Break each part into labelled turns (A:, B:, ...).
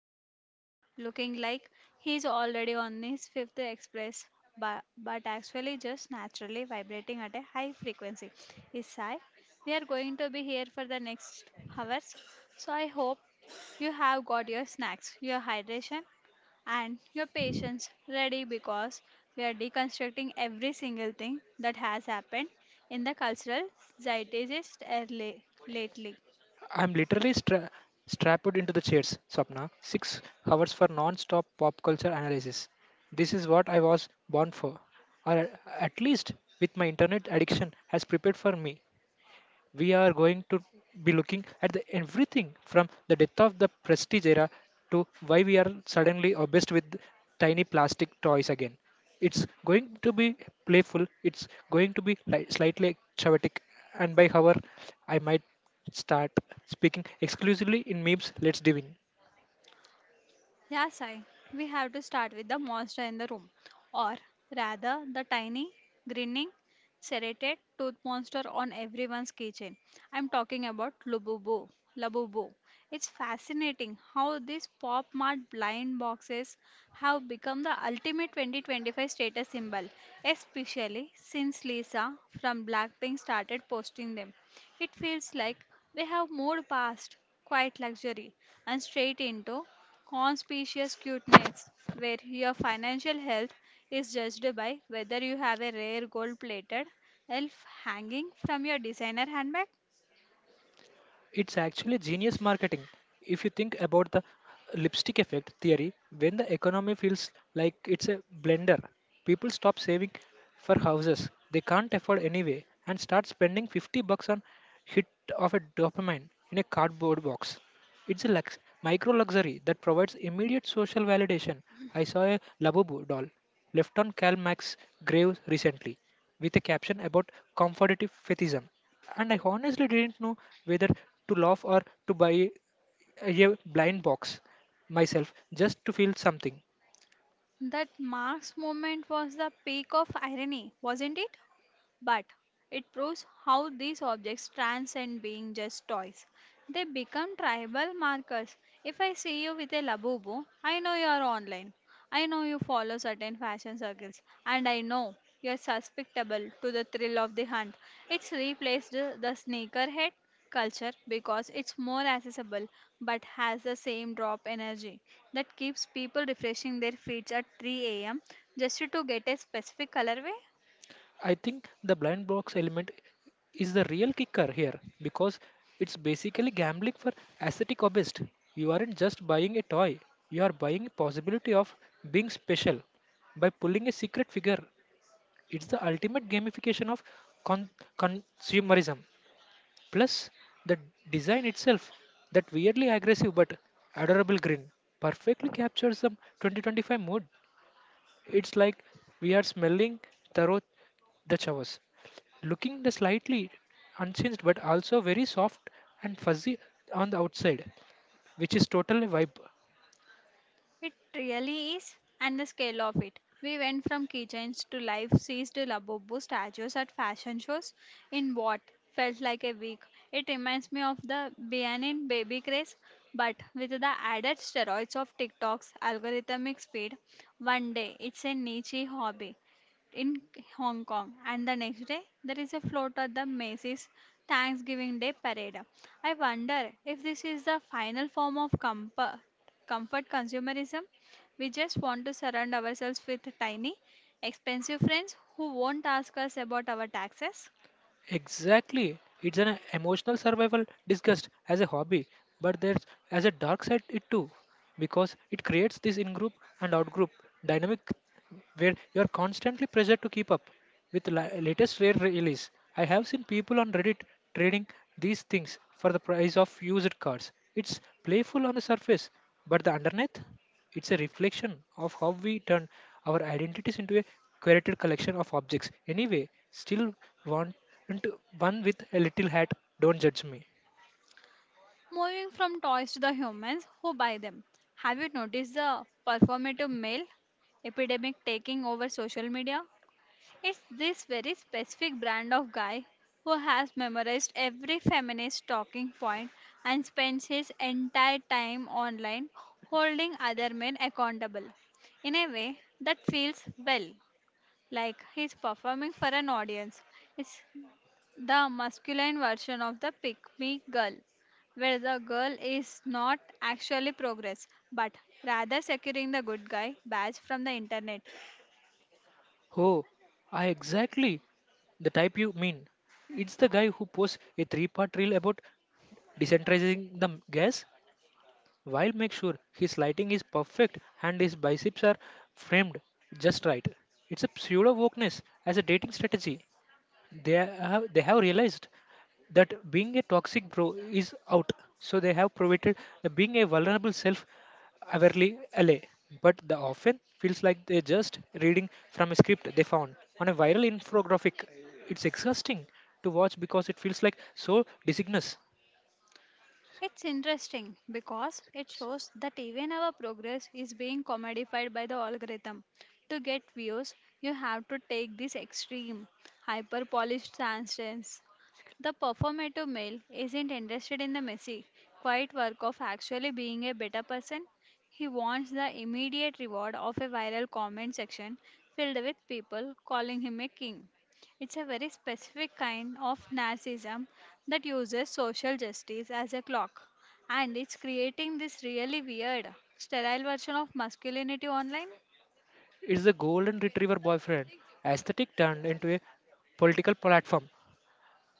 A: across from me, looking like he's already on his fifth express, but actually just naturally vibrating at a high frequency, is Sai. We are going to be here for the next hours, so I hope you have got your snacks, your hydration, and your patience ready because we are deconstructing every single thing that has happened in the cultural zeitgeist early, lately.
B: I'm literally strapped into the chairs, Swapna. 6 hours for non-stop pop culture analysis. This is what I was born for, or at least with my internet addiction has prepared for me we are going to be looking at the everything from the death of the prestige era to why we are suddenly obsessed with tiny plastic toys again. It's going to be playful, it's going to be slightly chaotic, and by hour, I might start speaking exclusively in memes. Let's dive in.
A: Yeah, Sai, we have to start with the monster in the room, or rather, the tiny, grinning, serrated tooth monster on everyone's kitchen. I'm talking about Lububu. Labubu. It's fascinating how these pop mart blind boxes have become the ultimate 2025 status symbol, especially since Lisa from Blackpink started posting them. It feels like we have moved past quiet luxury and straight into conspicuous cuteness, where your financial health is judged by whether you have a rare gold plated elf hanging from your designer handbag.
B: It's actually genius marketing. If you think about the lipstick effect theory, when the economy feels like it's a blender, people stop saving for houses they can't afford anyway and start spending 50 bucks on hit of a dopamine in a cardboard box. It's a micro luxury that provides immediate social validation. I saw a Labubu doll left on Karl Marx's grave recently with a caption about comfortative fetishism. And I honestly didn't know whether to laugh or to buy a blind box myself just to feel something.
A: That Mark's moment was the peak of irony, wasn't it? But it proves how these objects transcend being just toys. They become tribal markers. If I see you with a labubu, I know you are online. I know you follow certain fashion circles, and I know you are susceptible to the thrill of the hunt. It's replaced the sneakerhead culture because it's more accessible but has the same drop energy that keeps people refreshing their feeds at 3 a.m. just to get a specific colorway.
B: I think the blind box element is the real kicker here because it's basically gambling for aesthetic obist. You aren't just buying a toy, you are buying a possibility of being special by pulling a secret figure. It's the ultimate gamification of con- consumerism. Plus, the design itself, that weirdly aggressive but adorable grin, perfectly captures the 2025 mood. It's like we are smelling tarot the chavas looking the slightly unchanged but also very soft and fuzzy on the outside, which is totally vibe.
A: It really is, and the scale of it. We went from keychains to life sized Labubu statues at fashion shows in what felt like a week. It reminds me of the Bianin baby craze, but with the added steroids of TikTok's algorithmic speed. One day it's a niche hobby in Hong Kong, and the next day there is a float at the Macy's Thanksgiving Day parade. I wonder if this is the final form of comfort, comfort consumerism. We just want to surround ourselves with tiny, expensive friends who won't ask us about our taxes.
B: Exactly, it's an emotional survival discussed as a hobby, but there's as a dark side it too. Because it creates this in group and out group dynamic where you are constantly pressured to keep up with the latest rare release. I have seen people on Reddit trading these things for the price of used cars. It's playful on the surface, but the underneath, it's a reflection of how we turn our identities into a curated collection of objects. Anyway, still want and one with a little hat. Don't judge me.
A: Moving from toys to the humans who buy them. Have you noticed the performative male epidemic taking over social media? It's this very specific brand of guy who has memorized every feminist talking point and spends his entire time online holding other men accountable in a way that feels, well, like he's performing for an audience. It's the masculine version of the pick me girl, where the girl is not actually progress but rather securing the good guy badge from the internet.
B: Oh, I exactly the type you mean. It's the guy who posts a three-part reel about decentralizing the gas while make sure his lighting is perfect and his biceps are framed just right. It's a pseudo wokeness as a dating strategy. They have realized that being a toxic bro is out. So they have provided the being a vulnerable self averly LA. But the often feels like they're just reading from a script they found on a viral infographic. It's exhausting to watch because it feels like so disignous.
A: It's interesting because it shows that even our progress is being commodified by the algorithm. To get views, you have to take this extreme, hyper polished stance. The performative male isn't interested in the messy, quiet work of actually being a better person. He wants the immediate reward of a viral comment section filled with people calling him a king. It's a very specific kind of narcissism that uses social justice as a clock. And it's creating this really weird, sterile version of masculinity online.
B: It's the golden retriever boyfriend aesthetic turned into a political platform.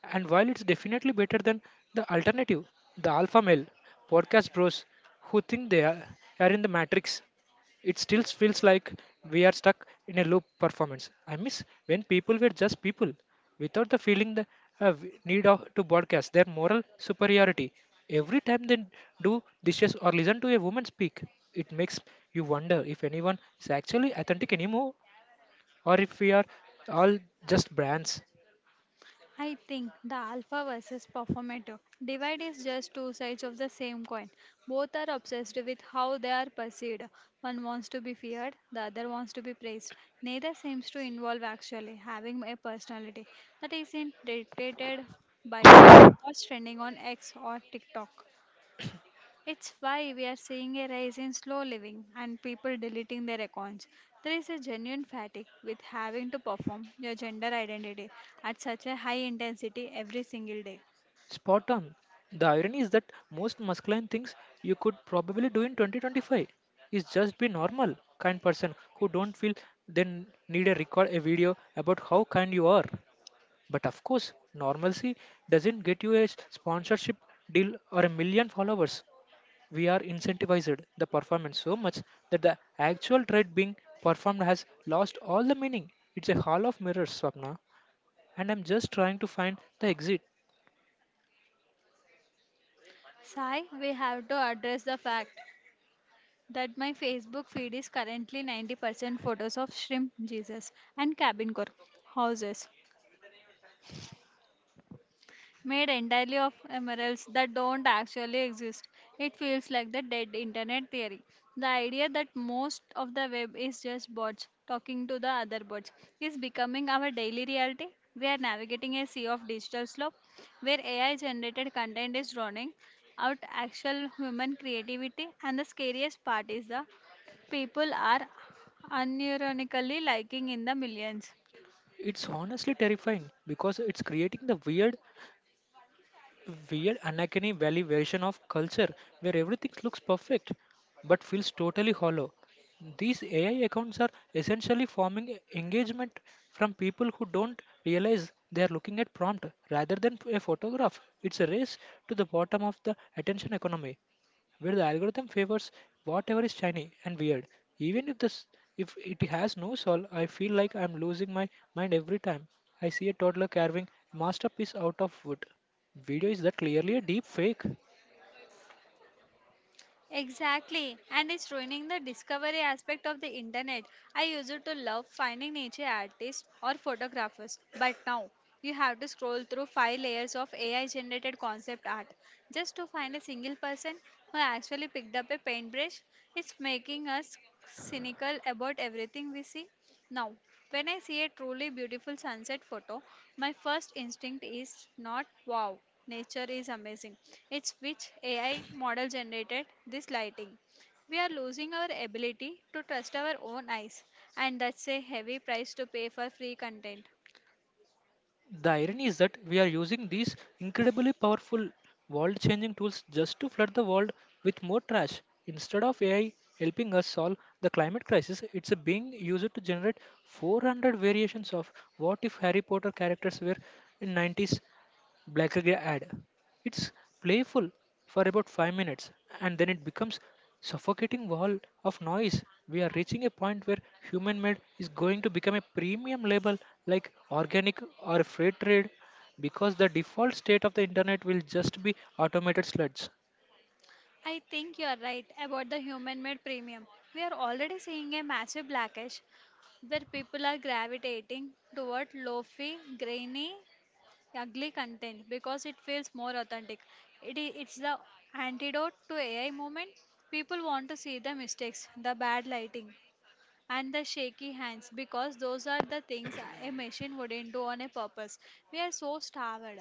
B: And while it's definitely better than the alternative, the alpha male podcast bros who think are in the matrix. It still feels like we are stuck in a loop performance. I miss when people were just people without the feeling the need of, to broadcast their moral superiority. Every time they do dishes or listen to a woman speak, it makes you wonder if anyone is actually authentic anymore or if we are all just brands.
A: I think the alpha versus performative divide is just two sides of the same coin. Both are obsessed with how they are perceived. One wants to be feared, the other wants to be praised. Neither seems to involve actually having a personality that isn't dictated by what's trending on X or TikTok. It's why we are seeing a rise in slow living and people deleting their accounts. There is a genuine fatigue with having to perform your gender identity at such a high intensity every single day.
B: Spot on. The irony is that most masculine things you could probably do in 2025 is just be normal, kind person who don't feel then need a record a video about how kind you are. But of course, normalcy doesn't get you a sponsorship deal or a million followers. We are incentivized the performance so much that the actual trade being performed has lost all the meaning. It's a hall of mirrors, Swapna, and I'm just trying to find the exit.
A: Sai, we have to address the fact that my Facebook feed is currently 90% photos of shrimp Jesus and cabin core houses made entirely of emeralds that don't actually exist. It feels like the dead internet theory. The idea that most of the web is just bots talking to the other bots is becoming our daily reality. We are navigating a sea of digital slop where AI generated content is drowning out actual human creativity, and the scariest part is the people are unironically liking in the millions.
B: It's honestly terrifying because it's creating the weird Anakin Valley version of culture where everything looks perfect but feels totally hollow. These AI accounts are essentially forming engagement from people who don't realize they are looking at prompt rather than a photograph. It's a race to the bottom of the attention economy where the algorithm favors whatever is shiny and weird. Even if this if it has no soul, I feel like I'm losing my mind every time I see a toddler carving a masterpiece out of wood. Video is that clearly a deep fake.
A: Exactly, and it's ruining the discovery aspect of the internet. I used to love finding nature artists or photographers, but now you have to scroll through five layers of AI generated concept art just to find a single person who actually picked up a paintbrush. It's making us cynical about everything we see. Now, when I see a truly beautiful sunset photo, my first instinct is not, wow, nature is amazing. It's, which AI model generated this lighting? We are losing our ability to trust our own eyes, and that's a heavy price to pay for free content.
B: The irony is that we are using these incredibly powerful world changing tools just to flood the world with more trash. Instead of AI helping us solve the climate crisis, it's being used to generate 400 variations of what if Harry Potter characters were in 90s Blackberry ad. It's playful for about 5 minutes and then it becomes suffocating wall of noise. We are reaching a point where human made is going to become a premium label like organic or fair trade because the default state of the internet will just be automated sludge.
A: I think you are right about the human made premium. We are already seeing a massive blackish where people are gravitating toward low-fi, grainy, ugly content because it feels more authentic. It's the antidote to AI moment. People want to see the mistakes, the bad lighting, and the shaky hands because those are the things a machine wouldn't do on a purpose. We are so starved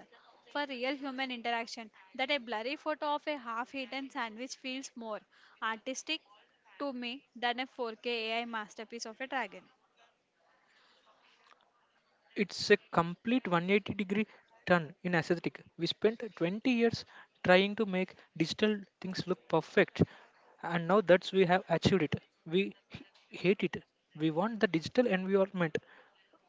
A: for real human interaction that a blurry photo of a half eaten sandwich feels more artistic to me than a 4K AI masterpiece of a dragon.
B: It's a complete 180 degree turn in aesthetic. We spent 20 years trying to make digital things look perfect, and now that we have achieved it, we hate it. We want the digital environment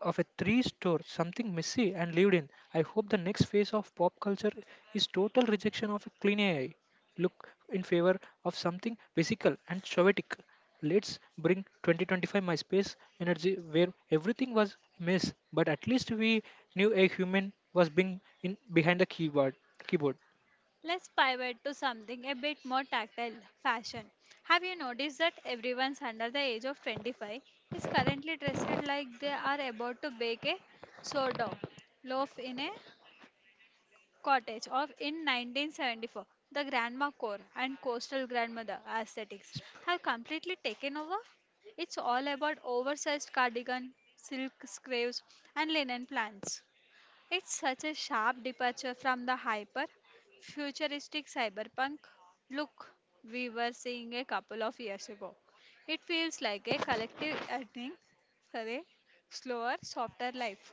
B: of a three store, something messy and lived in. I hope the next phase of pop culture is total rejection of a clean AI. Look in favor of something physical and chaotic. Let's bring 2025 MySpace energy where everything was a mess, but at least we knew a human was being in behind the keyboard. Keyboard.
A: Let's pivot to something a bit more tactile, fashion. Have you noticed that everyone under the age of 25 is currently dressed like they are about to bake a sourdough loaf in a cottage of in 1974? The grandma core and coastal grandmother aesthetics have completely taken over. It's all about oversized cardigan, silk scraves, and linen plants. It's such a sharp departure from the hyper futuristic cyberpunk look we were seeing a couple of years ago. It feels like a collective yearning for a slower, softer life.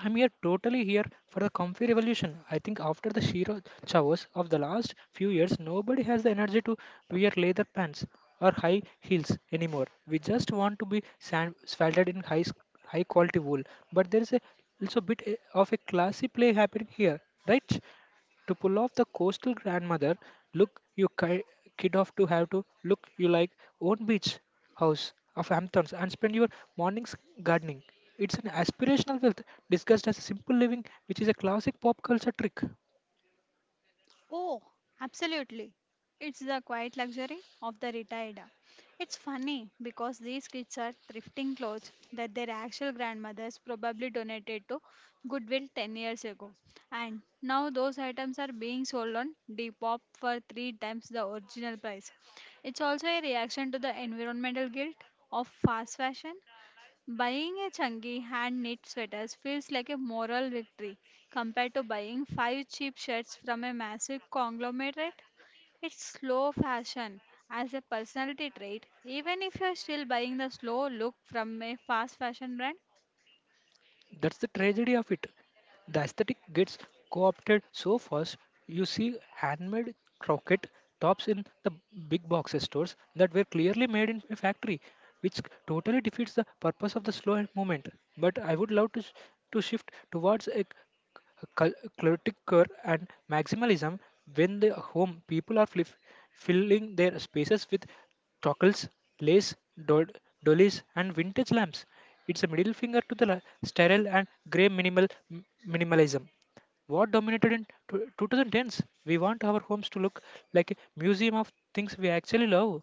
B: I'm here totally here for the comfy revolution. I think after the sheer showers of the last few years, nobody has the energy to wear leather pants or high heels anymore. We just want to be swaddled in high quality wool. But there is a, also a bit of a classy play happening here, right? To pull off the coastal grandmother look you kid off to have to look you like own beach house of Hamptons and spend your mornings gardening. It's an aspirational wealth discussed as simple living, which is a classic pop culture trick.
A: Oh, absolutely. It's the quiet luxury of the retired. It's funny because these kids are thrifting clothes that their actual grandmothers probably donated to Goodwill 10 years ago. And now those items are being sold on Depop for three times the original price. It's also a reaction to the environmental guilt of fast fashion. Buying a chunky hand knit sweater feels like a moral victory compared to buying five cheap shirts from a massive conglomerate. It's slow fashion as a personality trait, even if you're still buying the slow look from a fast fashion brand.
B: That's the tragedy of it. The aesthetic gets co opted so fast, you see handmade croquette tops in the big box stores that were clearly made in a factory, which totally defeats the purpose of the slow movement. But I would love to shift towards a clutter and maximalism when the home people are filling their spaces with toggles, lace, do- dollies, and vintage lamps. It's a middle finger to the sterile and grey minimal minimalism. What dominated in 2010s? We want our homes to look like a museum of things we actually love.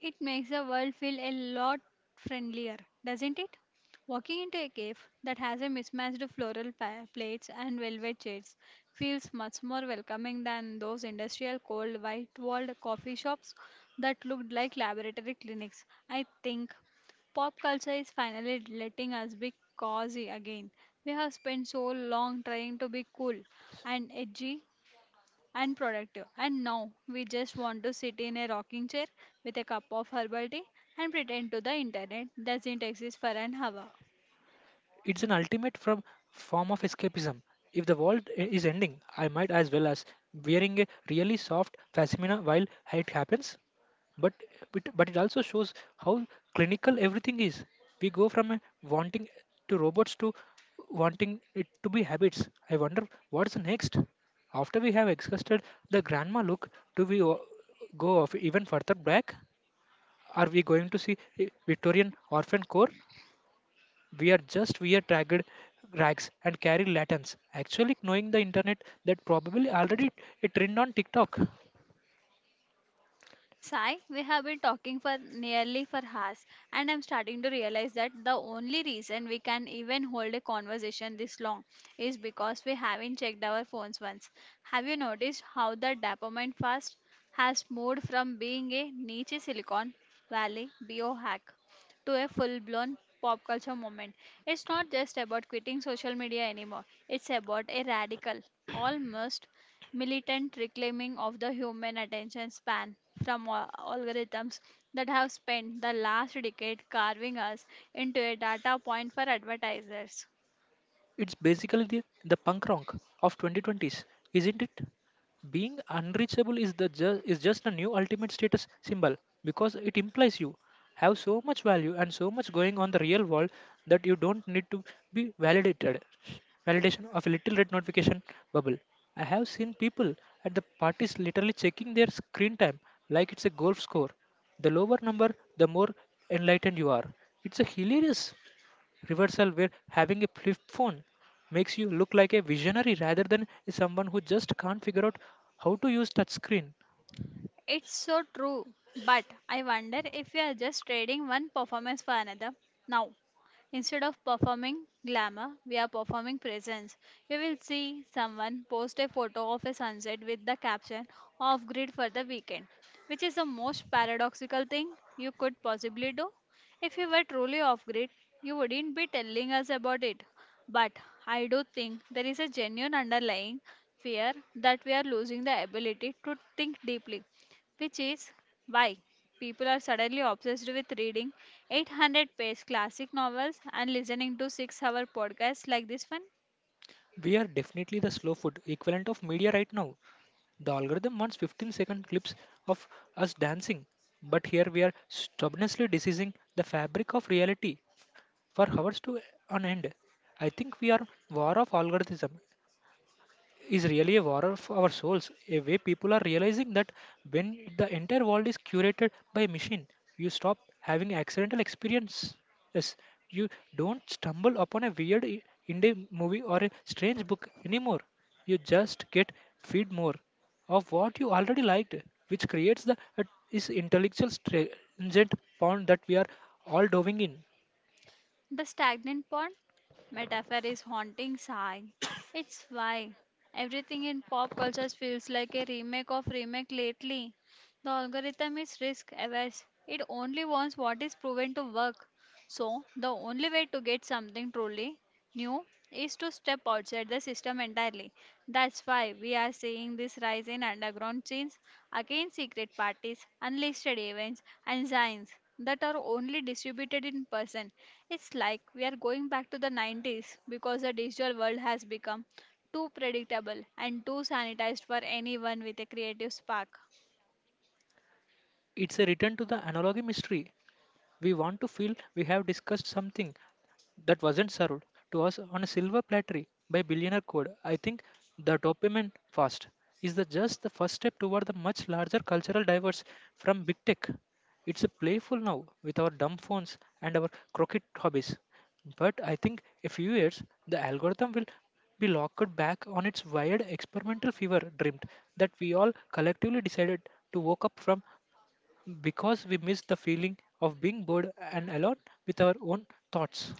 A: It makes the world feel a lot friendlier, doesn't it? Walking into a cave that has a mismatched floral plates and velvet shades feels much more welcoming than those industrial cold white walled coffee shops that looked like laboratory clinics. I think pop culture is finally letting us be cozy again. We have spent so long trying to be cool and edgy and productive. And now we just want to sit in a rocking chair with a cup of herbal tea and pretend to the internet doesn't exist for an hour.
B: It's an ultimate from form of escapism. If the world is ending, I might as well as wearing a really soft pashmina while it happens. But but it also shows how clinical everything is. We go from a wanting to robots to wanting it to be habits. I wonder what's next. After we have exhausted the grandma look, do we go off even further back? Are we going to see a Victorian orphan core? We are just wear ragged rags and carry lanterns. Actually, knowing the internet that probably already a trend on TikTok.
A: Sai, we have been talking for nearly for hours, and I'm starting to realize that the only reason we can even hold a conversation this long is because we haven't checked our phones once. Have you noticed how the dopamine fast has moved from being a niche Silicon Valley biohack to a full-blown pop culture moment? It's not just about quitting social media anymore; it's about a radical, almost militant reclaiming of the human attention span from algorithms that have spent the last decade carving us into a data point for advertisers.
B: It's basically the punk rock of 2020s, isn't it? Being unreachable is the is just a new ultimate status symbol because it implies you have so much value and so much going on the real world that you don't need to be validated. Validation of a little red notification bubble. I have seen people at the parties literally checking their screen time like it's a golf score. The lower number, the more enlightened you are. It's a hilarious reversal where having a flip phone makes you look like a visionary rather than someone who just can't figure out how to use touchscreen.
A: It's so true, but I wonder if we are just trading one performance for another now. Instead of performing glamour, we are performing presence. You will see someone post a photo of a sunset with the caption, off grid for the weekend, which is the most paradoxical thing you could possibly do. If you were truly off grid, you wouldn't be telling us about it. But I do think there is a genuine underlying fear that we are losing the ability to think deeply, which is why people are suddenly obsessed with reading 800-page classic novels and listening to 6 hour podcasts like this one.
B: We are definitely the slow food equivalent of media right now. The algorithm wants 15-second clips of us dancing, but here we are stubbornly diseasing the fabric of reality for hours to an end. I think we are war of algorithm is really a war of our souls, a way people are realizing that when the entire world is curated by machine, you stop having accidental experiences. You don't stumble upon a weird indie movie or a strange book anymore. You just get feed more of what you already liked, which creates the is intellectual stringent pond that we are all diving in.
A: The stagnant pond metaphor is haunting sigh. It's why everything in pop culture feels like a remake of remake lately. The algorithm is risk averse. It only wants what is proven to work. So, the only way to get something truly new is to step outside the system entirely. That's why we are seeing this rise in underground chains against secret parties, unlisted events, and signs that are only distributed in person. It's like we are going back to the 90s because the digital world has become too predictable and too sanitized for anyone with a creative spark.
B: It's a return to the analogy mystery. We want to feel we have discussed something, that wasn't served to us on a silver platter by billionaire code. I think the dopamine fast is the just the first step toward the much larger cultural diverse from big tech. It's a playful now with our dumb phones and our crooked hobbies. But I think a few years the algorithm will be locked back on its wired experimental fever dreamt that we all collectively decided to wake up from because we missed the feeling of being bored and alone with our own thoughts.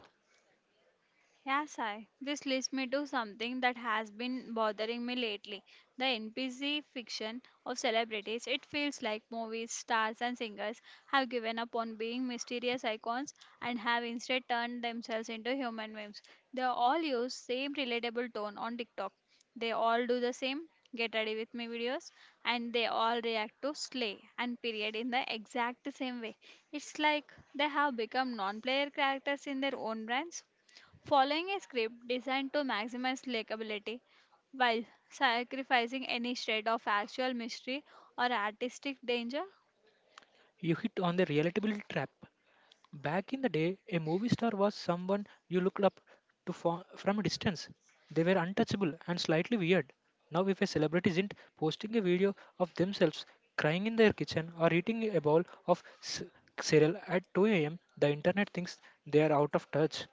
A: Yeah, Sai. This leads me to something that has been bothering me lately, the NPC fiction of celebrities. It feels like movies, stars, and singers have given up on being mysterious icons and have instead turned themselves into human memes. They all use same relatable tone on TikTok. They all do the same get ready with me videos, and they all react to slay and period in the exact same way. It's like they have become non player characters in their own brands, following a script designed to maximize likability while sacrificing any shred of actual mystery or artistic danger.
B: You hit on the relatability trap. Back in the day, a movie star was someone you looked up to from a distance. They were untouchable and slightly weird. Now, if a celebrity isn't posting a video of themselves crying in their kitchen or eating a bowl of cereal at 2 a.m., the internet thinks they are out of touch.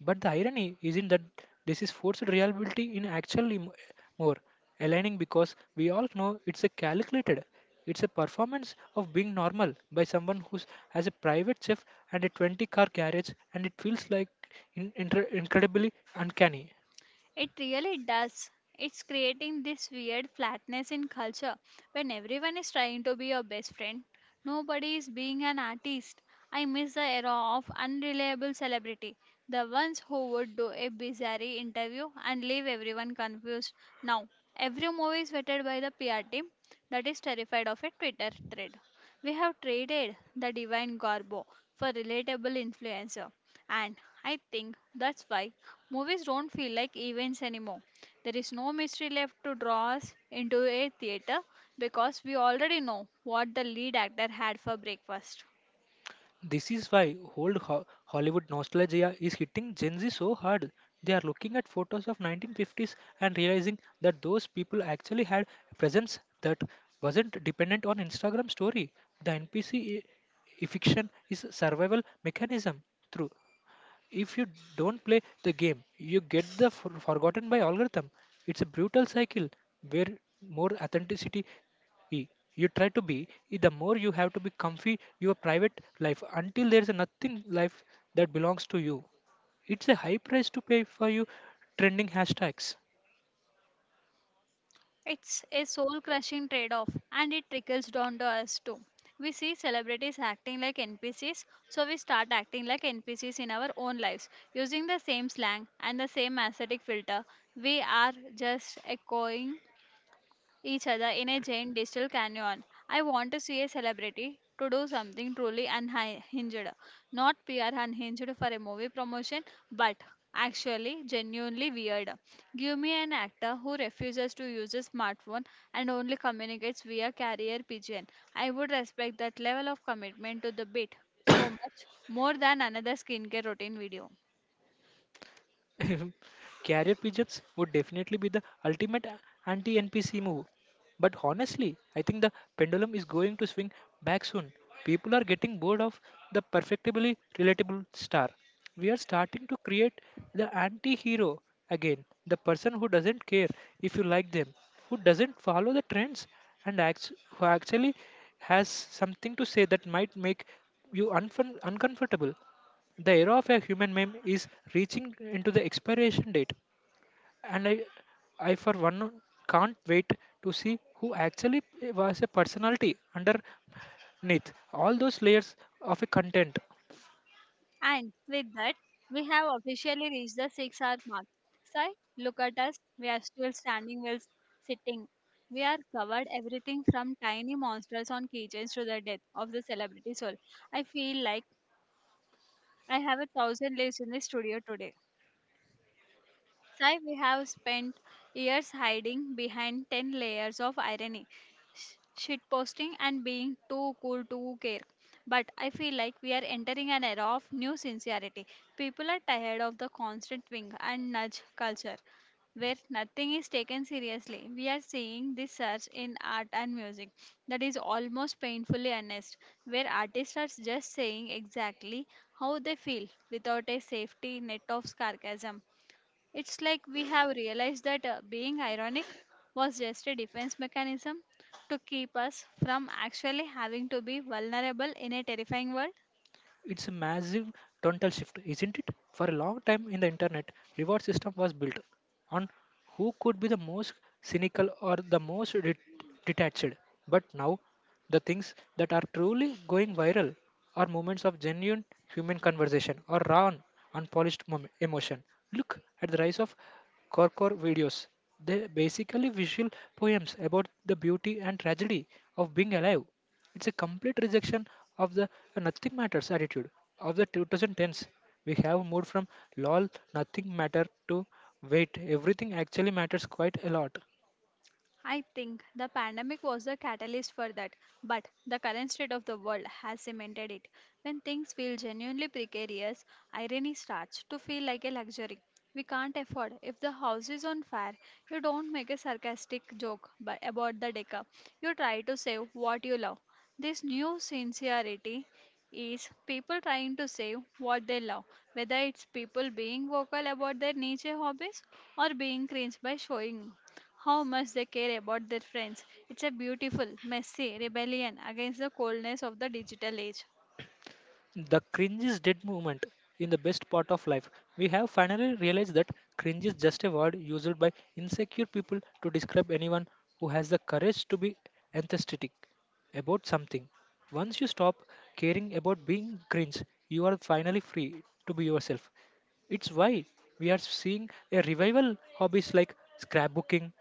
B: But the irony isn't that this is forced reality in actually more aligning because we all know it's a performance of being normal by someone who's as a private chef and a 20 car garage, and it feels like incredibly uncanny.
A: It really does. It's creating this weird flatness in culture. When everyone is trying to be your best friend, nobody is being an artist. I miss the era of unreliable celebrity, the ones who would do a bizarre interview and leave everyone confused. Now, every movie is vetted by the PR team that is terrified of a Twitter thread. We have traded the divine garbo for relatable influencer. And I think that's why movies don't feel like events anymore. There is no mystery left to draw us into a theater, because we already know what the lead actor had for breakfast.
B: This is why old Hollywood nostalgia is hitting Gen Z so hard. They are looking at photos of 1950s and realizing that those people actually had a presence that wasn't dependent on Instagram story. The NPC fiction is a survival mechanism. True. If you don't play the game, you get the forgotten by algorithm. It's a brutal cycle where more authenticity y- you try to be, the more you have to be comfy your private life until there's nothing life that belongs to you. It's a high price to pay for you trending hashtags.
A: It's a soul crushing trade off, and it trickles down to us too. We see celebrities acting like NPCs, so we start acting like NPCs in our own lives. Using the same slang and the same aesthetic filter, we are just echoing each other in a giant digital canyon. I want to see a celebrity to do something truly unhinged, not PR unhinged for a movie promotion, but actually genuinely weird. Give me an actor who refuses to use a smartphone and only communicates via carrier pigeon. I would respect that level of commitment to the bit so much more than another skincare routine video.
B: Carrier pigeons would definitely be the ultimate anti NPC move. But honestly, I think the pendulum is going to swing back soon. People are getting bored of the perfectly relatable star. We are starting to create the anti hero again, the person who doesn't care if you like them, who doesn't follow the trends, and acts, who actually has something to say that might make you uncomfortable. The era of a human meme is reaching into the expiration date, and I for one can't wait to see who actually was a personality underneath all those layers of a content.
A: And with that, we have officially reached the 6-hour mark. Sai, look at us. We are still standing while sitting. We are covered everything from tiny monsters on keychains to the death of the celebrity soul. I feel like I have a thousand lives in the studio today. Sai, we have spent years hiding behind 10 layers of irony, shitposting, and being too cool to care. But I feel like we are entering an era of new sincerity. People are tired of the constant wink and nudge culture where nothing is taken seriously. We are seeing this surge in art and music that is almost painfully honest, where artists are just saying exactly how they feel without a safety net of sarcasm. It's like we have realized that being ironic was just a defense mechanism to keep us from actually having to be vulnerable in a terrifying world.
B: It's a massive tonal shift, isn't it? For a long time in the internet, reward system was built on who could be the most cynical or the most detached. But now, the things that are truly going viral are moments of genuine human conversation or raw, and unpolished emotion. Look at the rise of Korkor videos. They're basically visual poems about the beauty and tragedy of being alive. It's a complete rejection of the nothing matters attitude of the 2010s. We have moved from lol nothing matter to wait everything actually matters quite a lot.
A: I think the pandemic was the catalyst for that, but the current state of the world has cemented it. When things feel genuinely precarious, irony starts to feel like a luxury. We can't afford. If the house is on fire, you don't make a sarcastic joke about the decor. You try to save what you love. This new sincerity is people trying to save what they love, whether it's people being vocal about their niche hobbies or being cringe by showing how much they care about their friends. It's a beautiful, messy rebellion against the coldness of the digital age.
B: The cringe is dead movement in the best part of life. We have finally realized that cringe is just a word used by insecure people to describe anyone who has the courage to be enthusiastic about something. Once you stop caring about being cringe, you are finally free to be yourself. It's why we are seeing a revival hobbies like scrapbooking,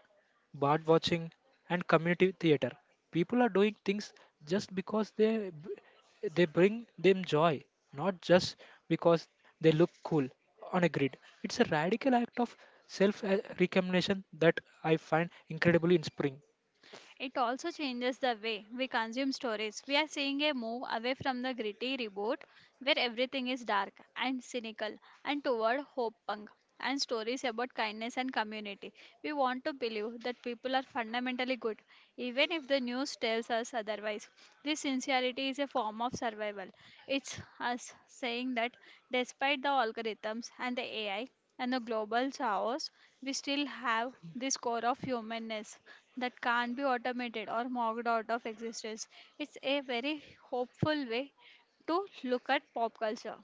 B: bird watching, and community theater. People are doing things just because they bring them joy, not just because they look cool on a grid. It's a radical act of self recrimination that I find incredibly inspiring.
A: It also changes the way we consume stories. We are seeing a move away from the gritty report, where everything is dark and cynical, and toward hope punk and stories about kindness and community. We want to believe that people are fundamentally good, even if the news tells us otherwise. This sincerity is a form of survival. It's us saying that despite the algorithms and the AI and the global chaos, we still have this core of humanness that can't be automated or mocked out of existence. It's a very hopeful way to look at pop culture.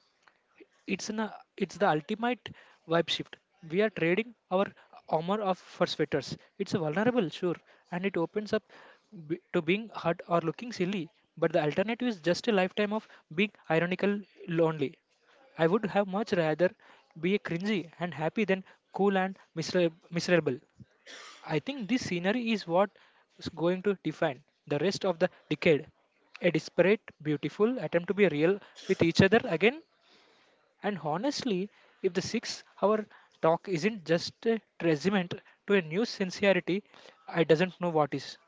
B: It's an it's the ultimate vibe shift, we are trading our armor of for sweaters, it's vulnerable, sure, and it opens up to being hurt or looking silly, but the alternative is just a lifetime of being ironical lonely. I would have much rather be a cringy and happy than cool and miserable. I think this scenery is what is going to define the rest of the decade, a disparate, beautiful attempt to be real with each other again. And honestly, if the 6 hour talk isn't just a testament to a new sincerity, I doesn't know what is.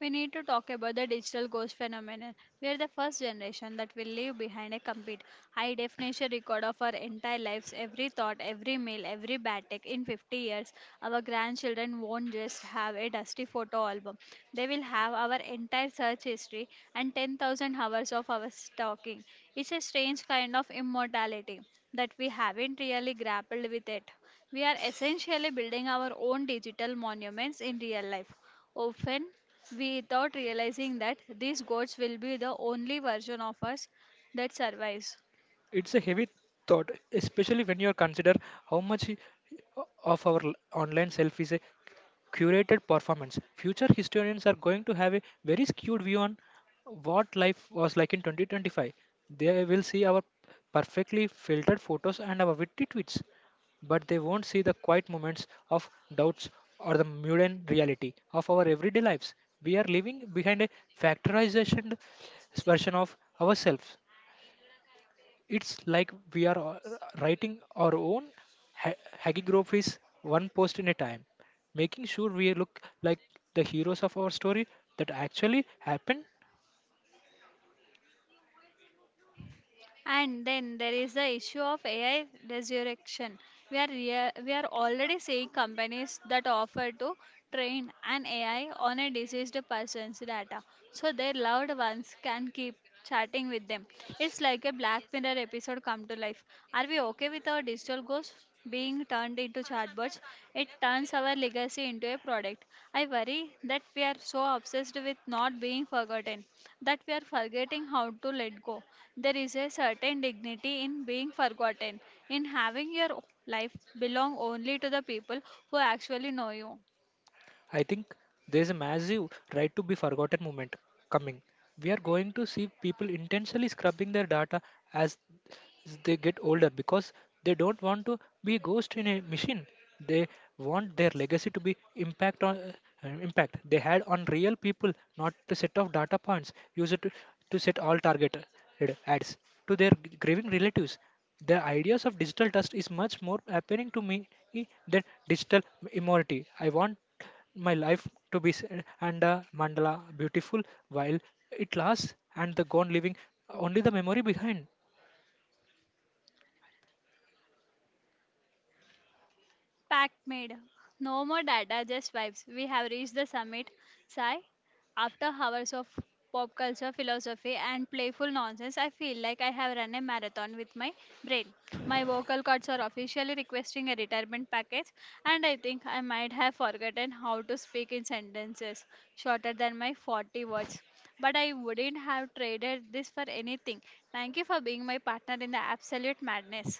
A: We need to talk about the digital ghost phenomenon. We are the first generation that will leave behind a complete high definition record of our entire lives, every thought, every meal, every bad tech. In 50 years, our grandchildren won't just have a dusty photo album. They will have our entire search history and 10,000 hours of our stalking. It's a strange kind of immortality that we haven't really grappled with it. We are essentially building our own digital monuments in real life. Often without realizing that these gods will be the only version of us that survives.
B: It's a heavy thought, especially when you consider how much of our online self is a curated performance. Future historians are going to have a very skewed view on what life was like in 2025. They will see our perfectly filtered photos and our witty tweets, but they won't see the quiet moments of doubts or the mundane reality of our everyday lives. We are living behind a factorization version of ourselves. It's like we are writing our own ha- hagiographies one post in a time, making sure we look like the heroes of our story that actually happened.
A: And then there is the issue of AI resurrection. We are already seeing companies that offer to train an AI on a deceased person's data, so their loved ones can keep chatting with them. It's like a Black Mirror episode come to life. Are we okay with our digital ghosts being turned into chatbots? It turns our legacy into a product. I worry that we are so obsessed with not being forgotten that we are forgetting how to let go. There is a certain dignity in being forgotten, in having your life belong only to the people who actually know you.
B: I think there's a massive right to be forgotten movement coming. We are going to see people intentionally scrubbing their data as they get older because they don't want to be a ghost in a machine. They want their legacy to be impact on impact they had on real people, not a set of data points used to set all targeted ads to their grieving relatives. The ideas of digital trust is much more appealing to me than digital immorality. I want my life to be and the mandala beautiful while it lasts and the gone leaving only the memory behind.
A: Pact made. No more data, just vibes. We have reached the summit. Sigh. After hours of pop culture, philosophy, and playful nonsense, I feel like I have run a marathon with my brain. My vocal cords are officially requesting a retirement package, and I think I might have forgotten how to speak in sentences shorter than my 40 words. But I wouldn't have traded this for anything. Thank you for being my partner in the absolute madness.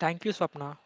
B: Thank you, Swapna.